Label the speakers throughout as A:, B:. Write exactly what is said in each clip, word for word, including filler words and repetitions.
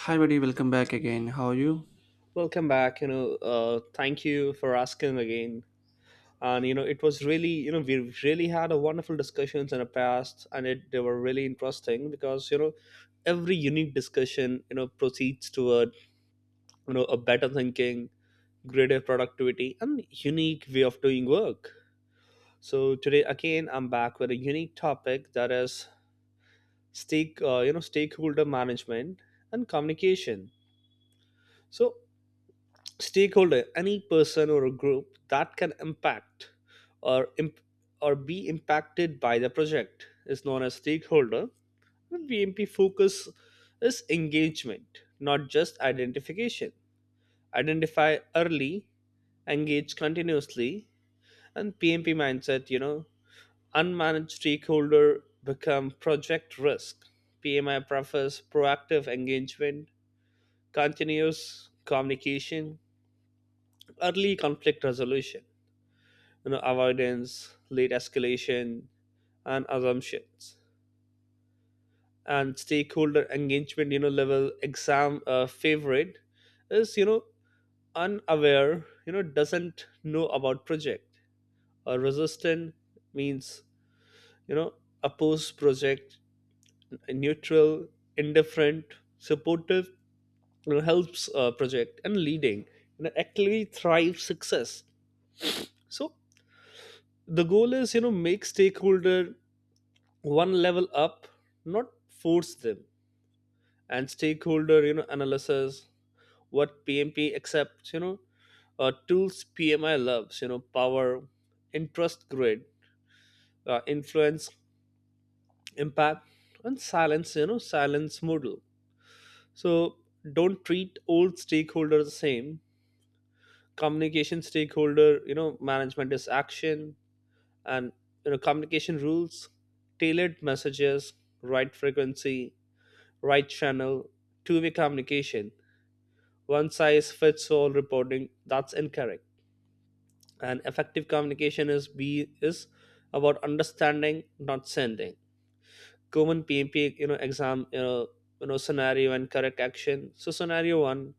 A: Hi, buddy. Welcome back again. How are you?
B: Welcome back. You know, uh, thank you for asking again. And you know, it was really, you know, we really had a wonderful discussions in the past, and it, they were really interesting because you know, every unique discussion, you know, proceeds toward you know a better thinking, greater productivity, and unique way of doing work. So today again, I'm back with a unique topic that is stake, uh, you know, stakeholder management and communication. So stakeholder any person or a group that can impact or imp- or be impacted by the project is known as stakeholder, and bmp focus is engagement, not just identification. Identify early, engage continuously, and pmp mindset, you know unmanaged stakeholder become project risk. Pmi prefers proactive engagement, continuous communication, early conflict resolution, you know, avoidance, late escalation, and assumptions. And stakeholder engagement, you know, level exam uh, favorite is, you know, unaware, you know, doesn't know about project. Or resistant means, you know, oppose project, neutral, indifferent, supportive, you know, helps uh, project, and leading, you know, actually thrive success. So the goal is, you know, make stakeholder one level up, not force them. And stakeholder, you know, analysis, what P M P accepts, you know, uh, tools P M I loves, you know, power, interest grid, uh, influence, impact, and silence, you know, silence model. So don't treat all stakeholders the same. Communication stakeholder, you know, management is action, and you know, communication rules, tailored messages, right frequency, right channel, two way communication, one size fits all reporting. That's incorrect. And effective communication is be is about understanding, not sending. Common P M P, you know, exam, you know, you know, scenario and correct action. So scenario one,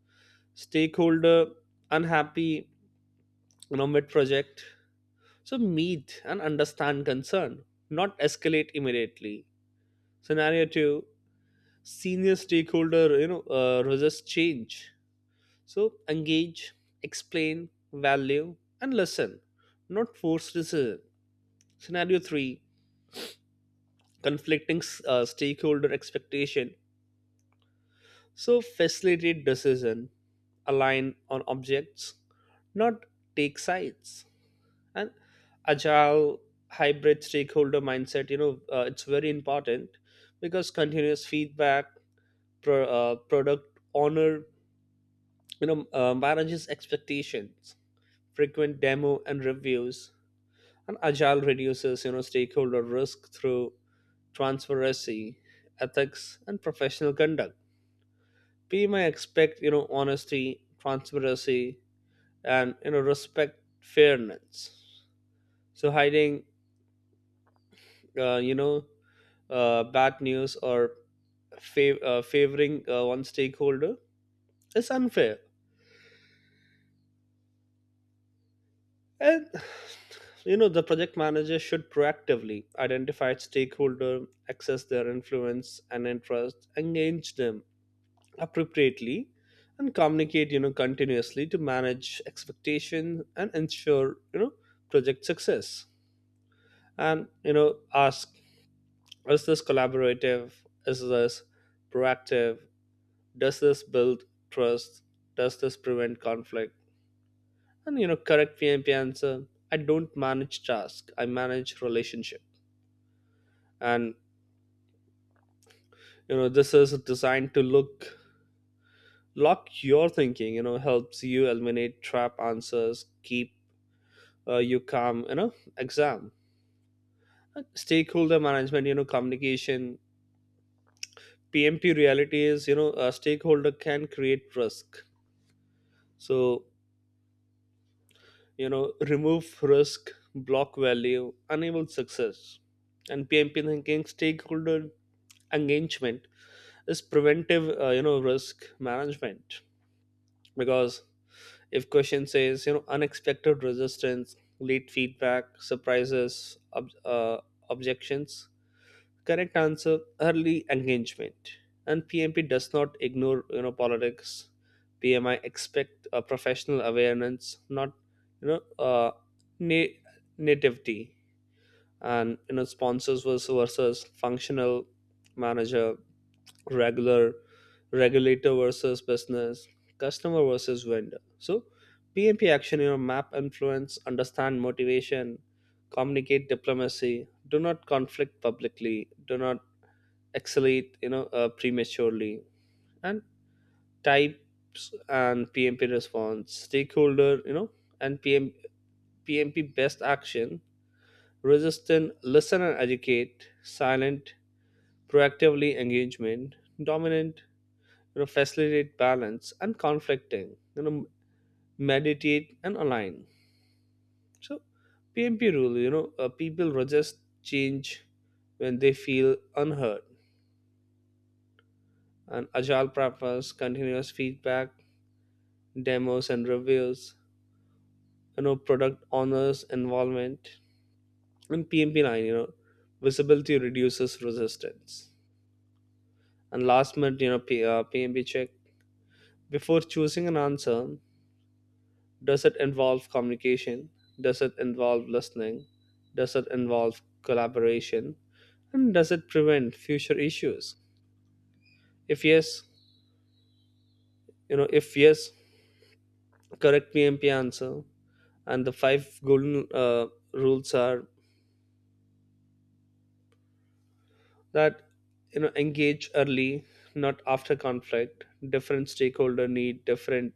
B: stakeholder unhappy, you know, mid project. So meet and understand concern, not escalate immediately. Scenario two, senior stakeholder you know uh, resist change. So engage, explain, value, and listen, not force decision. Scenario three: conflicting uh, stakeholder expectation. So facilitate decision, align on objects, not take sides, and agile hybrid stakeholder mindset. You know uh, it's very important because continuous feedback, pro, uh, product honor, you know uh, manages expectations, frequent demo and reviews. And agile reduces you know stakeholder risk through transparency, ethics, and professional conduct. We may expect you know honesty, transparency, and you know respect fairness. So hiding uh, you know uh, bad news or fav- uh, favoring uh, one stakeholder is unfair. And you know the project manager should proactively identify stakeholder, access their influence and interest, engage them appropriately, and communicate you know continuously to manage expectation and ensure you know project success. And you know ask, is this collaborative? Is this proactive? Does this build trust? Does this prevent conflict? And you know correct pmp answer, I don't manage task, I manage relationship. And you know this is designed to look lock your thinking, you know helps you eliminate trap answers, keep uh, you come you know exam. Uh, stakeholder management, you know communication, pmp reality is you know a stakeholder can create risk, so you know remove risk, block value, enable success. And pmp thinking stakeholder engagement is preventive uh, you know risk management because if question says you know unexpected resistance, late feedback surprises, ob- uh, objections, correct answer early engagement. And pmp does not ignore you know politics. Pmi expect a professional awareness, not you know uh, na- nativity. And you know sponsors versus, versus functional manager, regular regulator versus business, customer versus vendor. So pmp action, you know map influence, understand motivation, communicate diplomacy, do not conflict publicly, do not accelerate you know uh, prematurely. And types and pmp response stakeholder you know and P M, pmp best action, resistant listen and educate, silent proactively engagement, dominant you know facilitate balance, and conflicting you know meditate and align. So pmp rule, you know uh, people resist change when they feel unheard. And agile practice continuous feedback, demos and reviews, you know, product owners' involvement. In P M P nine, you know, visibility reduces resistance. And last minute, you know, P, uh, P M P check. Before choosing an answer, does it involve communication? Does it involve listening? Does it involve collaboration? And does it prevent future issues? If yes, you know, if yes, correct P M P answer. And the five golden uh, rules are that you know engage early, not after conflict. Different stakeholder need different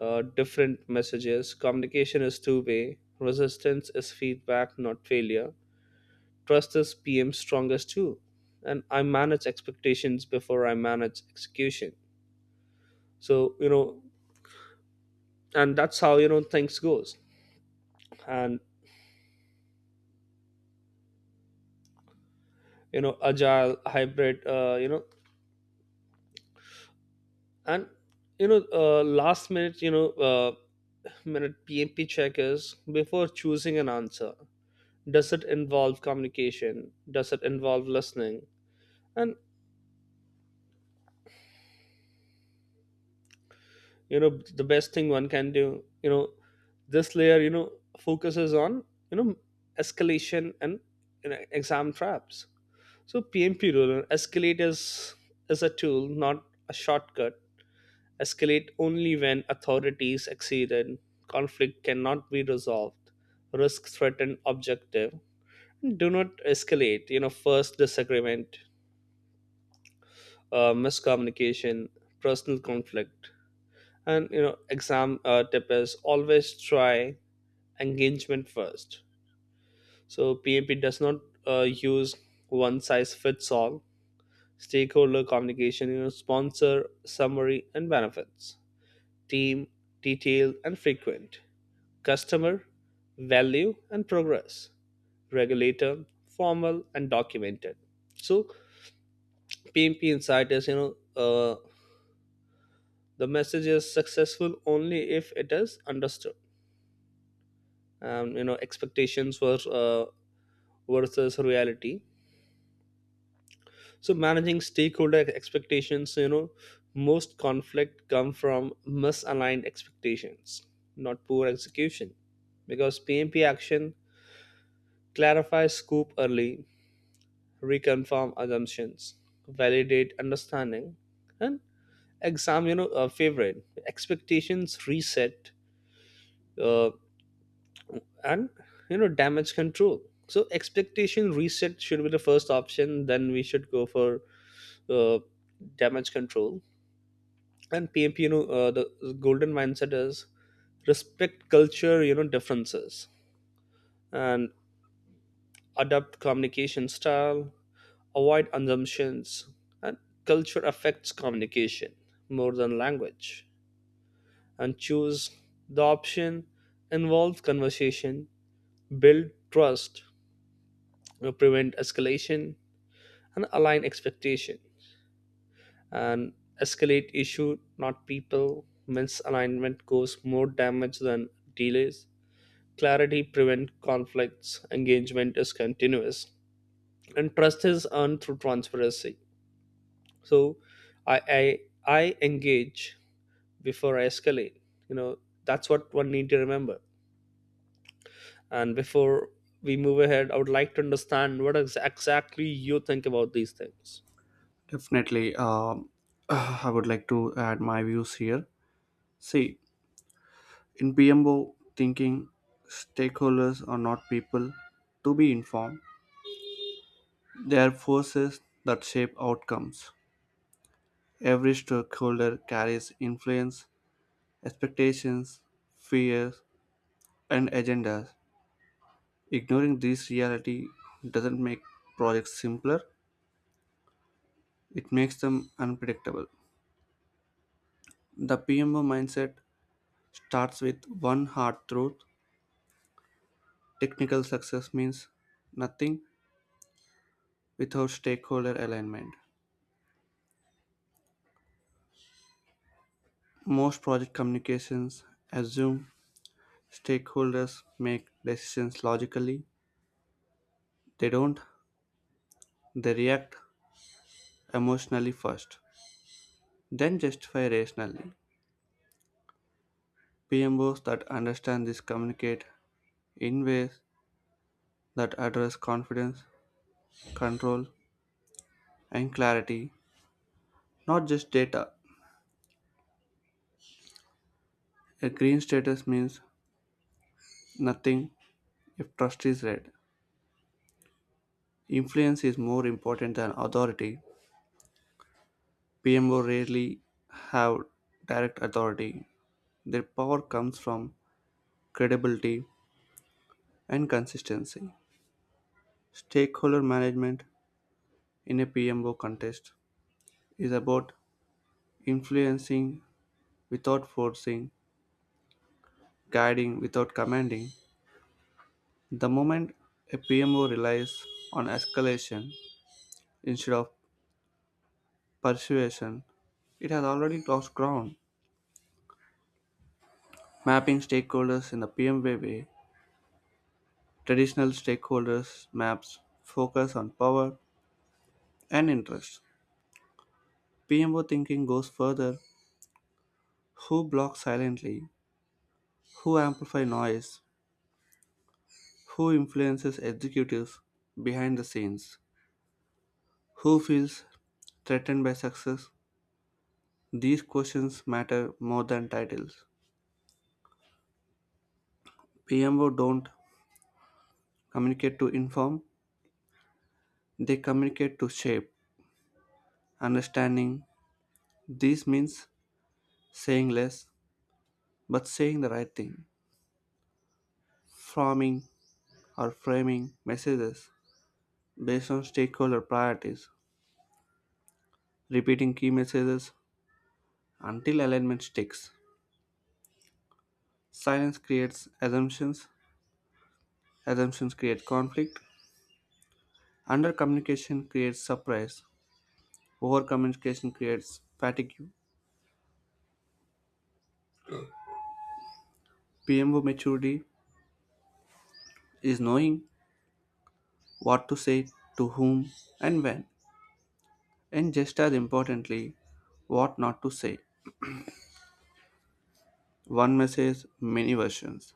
B: uh, different messages. Communication is two way. Resistance is feedback, not failure. Trust is pm's strongest too, and I manage expectations before I manage execution. So you know and that's how you know things goes. And you know agile hybrid uh, you know and you know uh, last minute you know uh, minute P M P check is before choosing an answer. Does it involve communication? Does it involve listening? And you know, the best thing one can do, you know, this layer, you know, focuses on, you know, escalation and you know, exam traps. So P M P rule, escalate is is a tool, not a shortcut. Escalate only when authorities exceeded, conflict cannot be resolved, risk threatened objective. Do not escalate you know first disagreement, uh, miscommunication, personal conflict. And you know exam uh, tip is always try engagement first. So pmp does not uh, use one size fits all stakeholder communication. you know sponsor summary and benefits, team detail and frequent, customer value and progress, regulator formal and documented. So P M P insight is you know, uh, the message is successful only if it is understood. Um, you know, expectations were uh, versus reality. So managing stakeholder expectations, you know, most conflict come from misaligned expectations, not poor execution, because P M P action clarifies scope early, reconfirm assumptions, validate understanding, and examine you know, a favorite expectations reset, uh, and you know damage control. So expectation reset should be the first option, then we should go for uh, damage control. And pmp, you know uh, the golden mindset is respect culture, you know differences, and adopt communication style, avoid assumptions, and culture affects communication more than language. And choose the option, involve conversation, build trust, you know, prevent escalation, and align expectation. And escalate issue, not people. Misalignment cause more damage than delays. Clarity prevent conflicts. Engagement is continuous, and trust is earned through transparency. So i i, I engage before I escalate, you know that's what one need to remember. And before we move ahead, I would like to understand what ex- exactly you think about these things.
A: Definitely. Um, I would like to add my views here. See, in P M O thinking, stakeholders are not people to be informed. They are forces that shape outcomes. Every stakeholder carries influence, expectations, fears, and agendas. Ignoring this reality doesn't make projects simpler; it makes them unpredictable. The P M O mindset starts with one hard truth: technical success means nothing without stakeholder alignment. Most project communications assume stakeholders make decisions logically. They don't. They react emotionally first, then justify rationally. P M Os that understand this communicate in ways that address confidence, control, and clarity, not just data. A green status means nothing if trust is red. Influence is more important than authority. P M O rarely have direct authority. Their power comes from credibility and consistency. Stakeholder management in a P M O contest is about influencing without forcing, guiding without commanding. The moment a P M O relies on escalation instead of persuasion, it has already lost ground. Mapping stakeholders in the P M O way: traditional stakeholders maps focus on power and interest. P M O thinking goes further: who blocks silently, who amplify noise, who influences executives behind the scenes, who feels threatened by success. These questions matter more than titles. P M O don't communicate to inform, they communicate to shape. Understanding this means saying less but saying the right thing, forming or framing messages based on stakeholder priorities, repeating key messages until alignment sticks. Silence creates assumptions, assumptions create conflict, undercommunication creates surprise, over communication creates fatigue. P M O maturity is knowing what to say to whom and when, and just as importantly, what not to say. One message, many versions.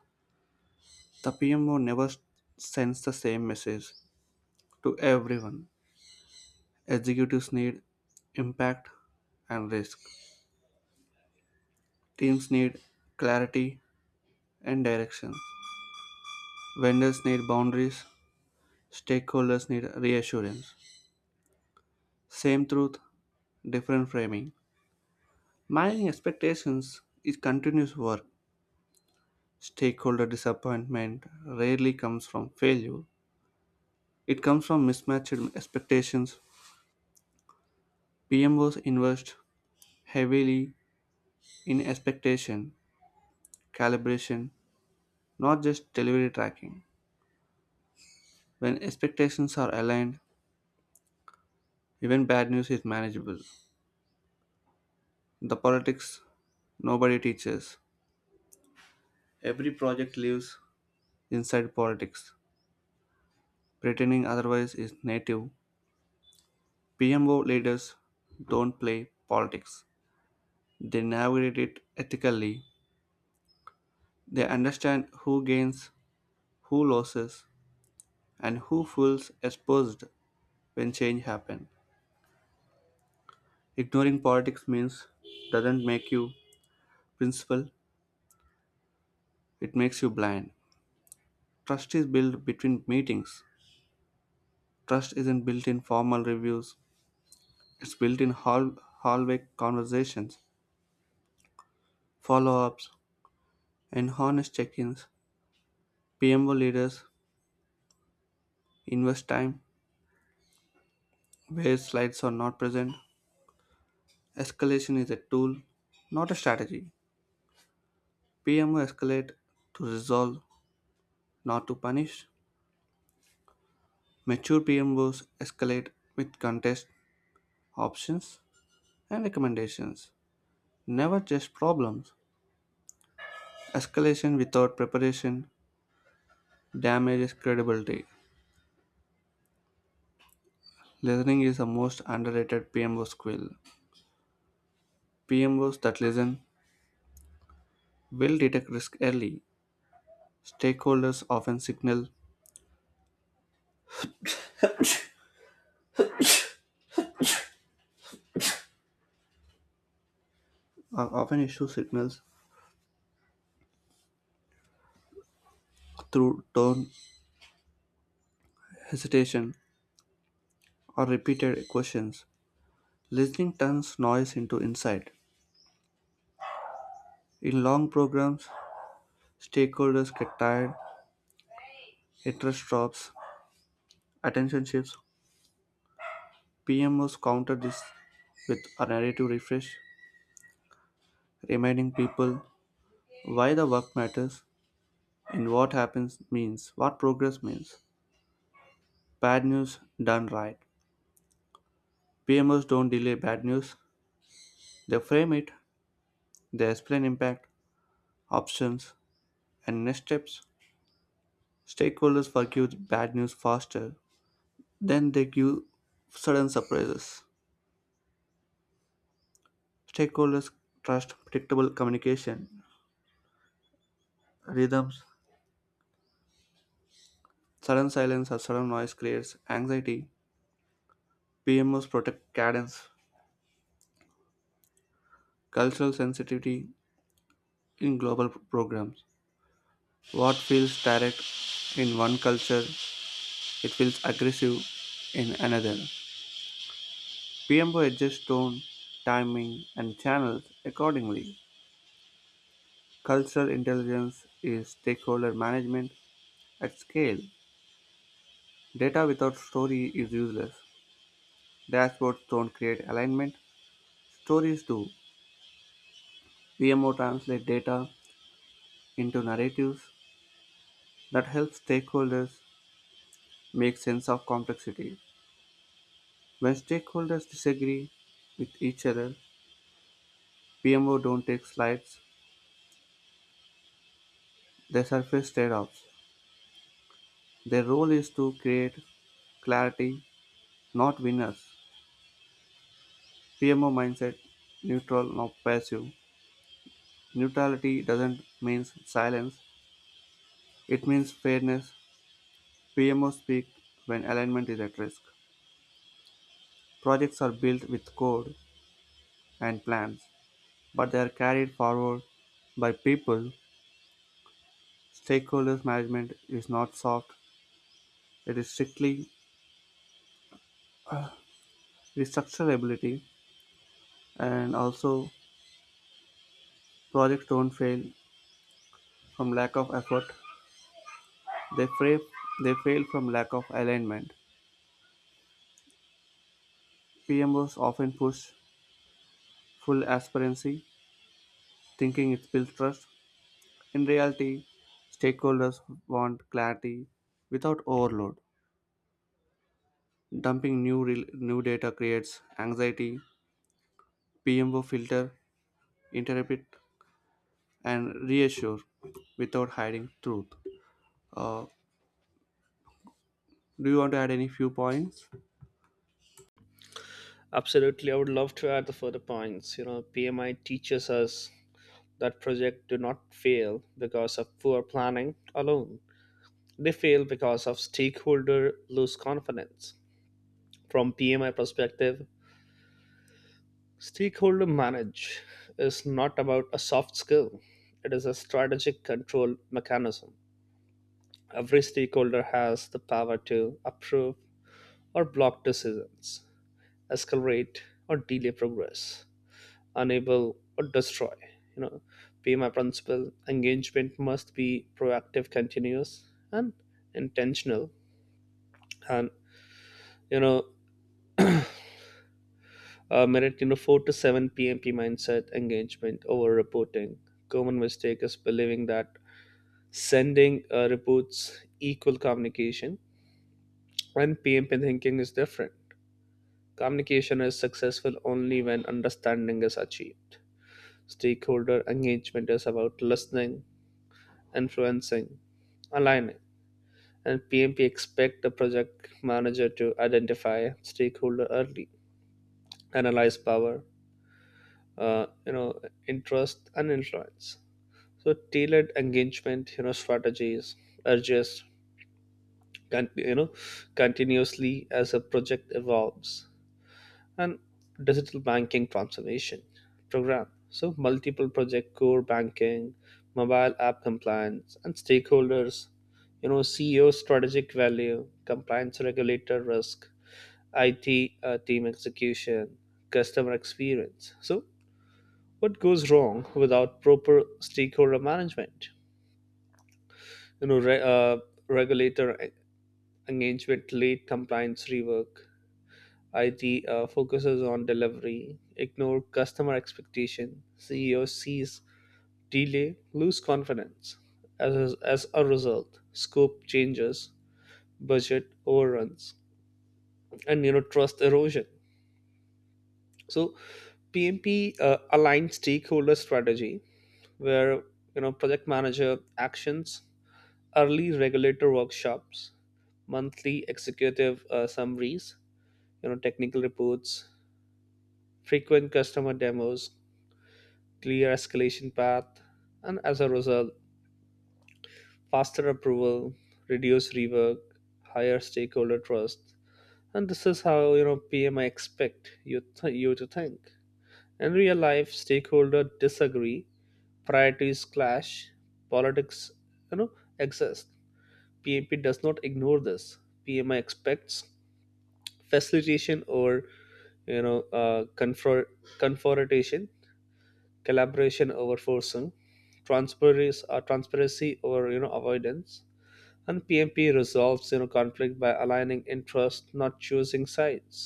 A: The P M O never sends the same message to everyone. Executives need impact and risk. Teams need clarity and direction. Vendors need boundaries. Stakeholders need reassurance. Same truth, different framing. Managing expectations is continuous work. Stakeholder disappointment rarely comes from failure, it comes from mismatched expectations. P M Os invest heavily in expectation calibration, not just delivery tracking. When expectations are aligned, even bad news is manageable. The politics nobody teaches. Every project lives inside politics. Pretending otherwise is native. P M O leaders don't play politics. They navigate it ethically. They understand who gains, who loses, and who feels exposed when change happens. Ignoring politics means doesn't make you principled, it makes you blind. Trust is built between meetings. Trust isn't built in formal reviews. It's built in hall- hallway conversations, follow-ups, and honest check-ins. P M O leaders invest time where slides are not present. Escalation is a tool, not a strategy. P M O escalate to resolve, not to punish. Mature P M Os escalate with contest, options, and recommendations, never just problems. Escalation without preparation damages credibility. Listening is the most underrated P M O skill. P M Os that listen will detect risk early. Stakeholders often signal uh, often issue signals through tone, hesitation, or repeated questions. Listening turns noise into insight. In long programs, stakeholders get tired, interest drops, attention shifts. P M Os counter this with a narrative refresh, reminding people why the work matters and what happens means, what progress means. Bad news done right. P M Os don't delay bad news, they frame it, they explain impact, options, and next steps. Stakeholders forgive bad news faster than they give sudden surprises. Stakeholders trust predictable communication rhythms. Sudden silence or sudden noise creates anxiety. P M Os protect cadence, cultural sensitivity in global programs. What feels direct in one culture, it feels aggressive in another. P M O adjusts tone, timing, and channels accordingly. Cultural intelligence is stakeholder management at scale. Data without story is useless. Dashboards don't create alignment, stories do. P M O translates data into narratives that help stakeholders make sense of complexity. When stakeholders disagree with each other, P M O don't take slides, they surface trade-offs. Their role is to create clarity, not winners. P M O mindset: neutral, not passive. Neutrality doesn't mean silence, it means fairness. P M O speak when alignment is at risk. Projects are built with code and plans, but they are carried forward by people. Stakeholders management is not soft, it is strictly restructurability. And also, projects don't fail from lack of effort, they, fra- they fail from lack of alignment. P M Os often push full aspirancy, thinking it builds trust. In reality, stakeholders want clarity without overload. Dumping new, rel new data creates anxiety. P M O filter, interpret, and reassure without hiding truth. Uh, do you want to add any few points?
B: Absolutely, I would love to add the further points. You know, P M I teaches us that projects do not fail because of poor planning alone. They fail because of stakeholder lose confidence. From P M I perspective, stakeholder manage is not about a soft skill. It is a strategic control mechanism. Every stakeholder has the power to approve or block decisions, escalate or delay progress, enable or destroy. you know pay my principal engagement must be proactive, continuous, and intentional. And you know uh, merit, you know four to seven, pmp mindset engagement over reporting. Common mistake is believing that sending uh, reports equal communication. And pmp thinking is different. Communication is successful only when understanding is achieved. Stakeholder engagement is about listening, influencing, aligning. And P M P expect the project manager to identify stakeholder early, analyze power, uh, you know, interest, and influence. So tailored engagement, you know, strategies are just con- you know continuously as a project evolves. And digital banking transformation program. So multiple project core banking, mobile app compliance, and stakeholders, you know, C E O strategic value, compliance regulator risk, I T, uh, team execution, customer experience. So, what goes wrong without proper stakeholder management? You know, re- uh, regulator e- engagement, late compliance rework. I T uh, focuses on delivery, ignore customer expectation. C E O sees delay, lose confidence. As, as a result, scope changes, budget overruns, and you know trust erosion. So P M P uh, aligned stakeholder strategy where you know project manager actions, early regulator workshops, monthly executive uh, summaries, you know technical reports, frequent customer demos, clear escalation path. And as a result, faster approval, reduce rework, higher stakeholder trust. And this is how you know P M I expect you th- you to think. In real life, stakeholder disagree, priorities clash, politics, you know, exist. P M P does not ignore this. P M I expects facilitation over, you know uh, confront confrontation, collaboration over forcing, transparency, uh, transparency over, you know avoidance. And P M P resolves you know conflict by aligning interests, not choosing sides.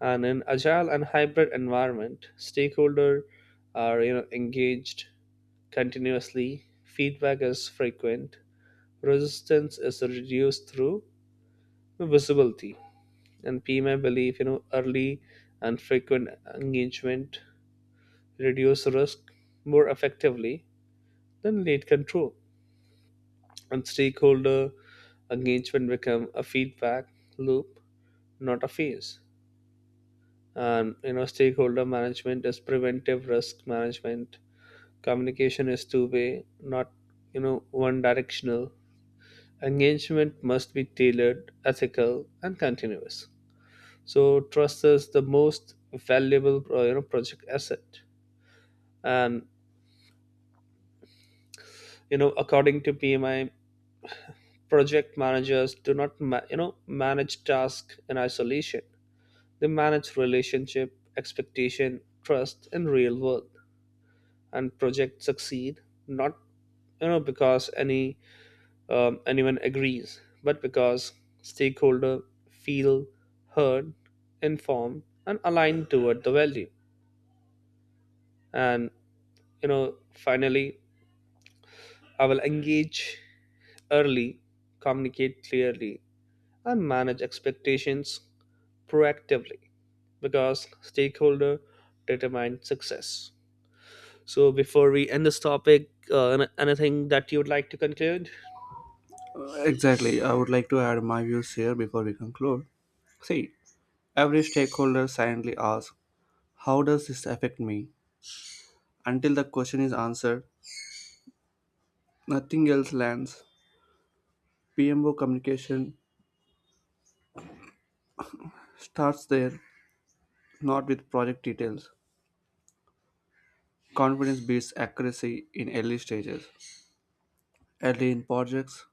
B: And in agile and hybrid environment, stakeholder are you know engaged continuously, feedback is frequent, resistance is reduced through visibility. And P M I believe you know early and frequent engagement reduce risk more effectively than late control, and stakeholder engagement become a feedback loop, not a phase. And you know, stakeholder management is preventive risk management. Communication is two way, not you know one directional. Engagement must be tailored, ethical, and continuous. So trust is the most valuable uh, you know project asset. And you know, according to P M I, project managers do not ma- you know manage tasks in isolation. They manage relationship, expectation, trust, and real world. And projects succeed not you know because any um, anyone agrees, but because stakeholders feel heard, informed, and aligned toward the value. And you know, finally, I will engage early, communicate clearly, and manage expectations proactively because stakeholder determine success. So before we end this topic, uh, an- anything that you would like to conclude?
A: Exactly. I would like to add my views here before we conclude. See, every stakeholder silently asks, "How does this affect me?" Until the question is answered, nothing else lands. P M O communication starts there, not with project details. Confidence beats accuracy in early stages. Early in projects,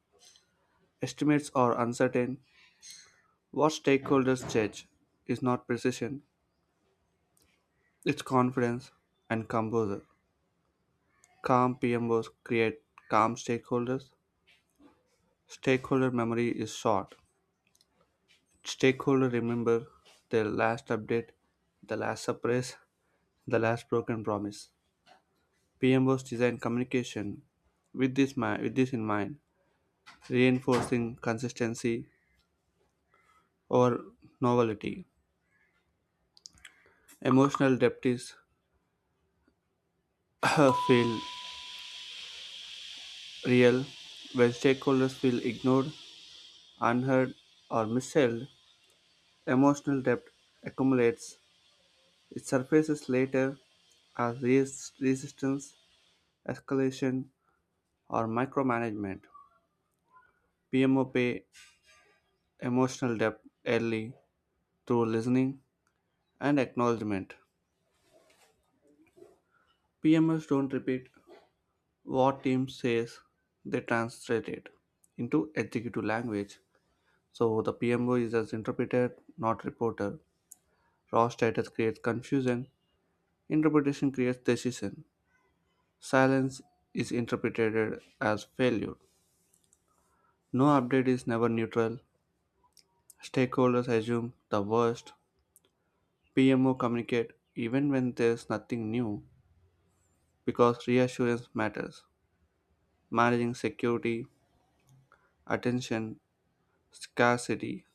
A: estimates are uncertain. What stakeholders judge is not precision, it's confidence and composure. Calm P M Os create calm stakeholders. Stakeholder memory is short. Stakeholders remember their last update, the last surprise, the last broken promise. P M Os design communication with this, mi- with this in mind, reinforcing consistency or novelty. Emotional depth is feel real when stakeholders feel ignored, unheard, or missold. Emotional depth accumulates. It surfaces later as res- resistance, escalation, or micromanagement. P M O pay emotional debt early through listening and acknowledgement. P M Os don't repeat what team says, they translate it into executive language. So the P M O is as interpreter, not reporter. Raw status creates confusion, interpretation creates decision. Silence is interpreted as failure. No update is never neutral. Stakeholders assume the worst. P M O communicate even when there's nothing new, because reassurance matters. Managing security, attention, scarcity.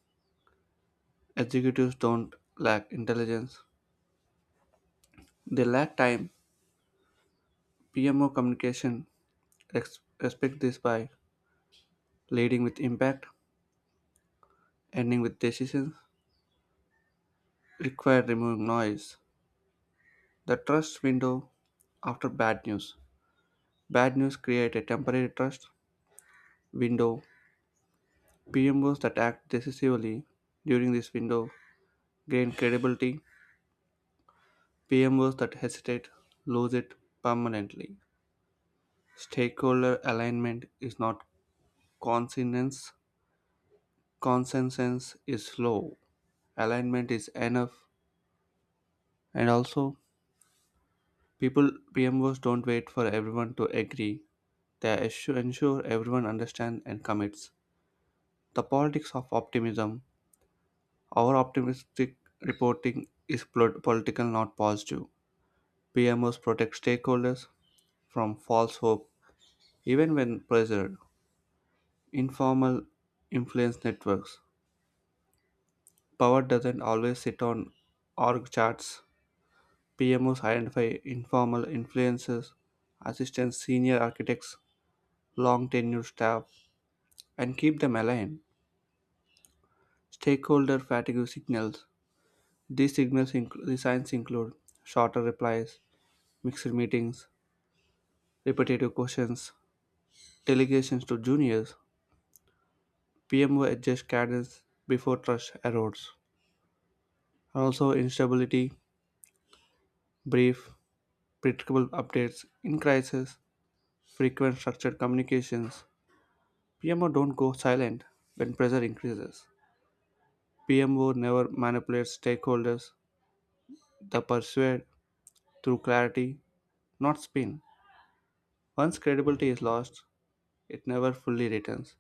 A: Executives don't lack intelligence, they lack time. P M O communication ex- respect this by leading with impact, ending with decisions, required removing noise. The trust window after bad news. Bad news create a temporary trust window. P M Os that act decisively during this window gain credibility. P M Os that hesitate lose it permanently. Stakeholder alignment is not consonance. Consensus is low. Alignment is enough. And also, people P M Os don't wait for everyone to agree. They assu- ensure everyone understands and commits. The politics of optimism. Our optimistic reporting is pol- political, not positive. P M Os protect stakeholders from false hope, even when pressured. Informal influence networks. Power doesn't always sit on org charts. P M Os identify informal influences, assistance senior architects, long tenured staff, and keep them aligned. Stakeholder fatigue signals. These signals include the signs include shorter replies, mixed meetings, repetitive questions, delegations to juniors. P M O adjusts cadence before trust erodes. Also instability, brief predictable updates in crisis, frequent structured communications. P M O don't go silent when pressure increases. P M O never manipulates stakeholders. They persuade through clarity, not spin. Once credibility is lost, it never fully returns.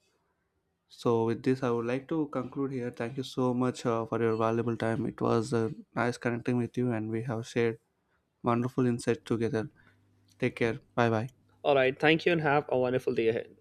A: So, with this, I would like to conclude here. Thank you so much uh, for your valuable time. It was uh, nice connecting with you, and we have shared wonderful insights together. Take care. Bye bye.
B: All right, thank you and have a wonderful day ahead.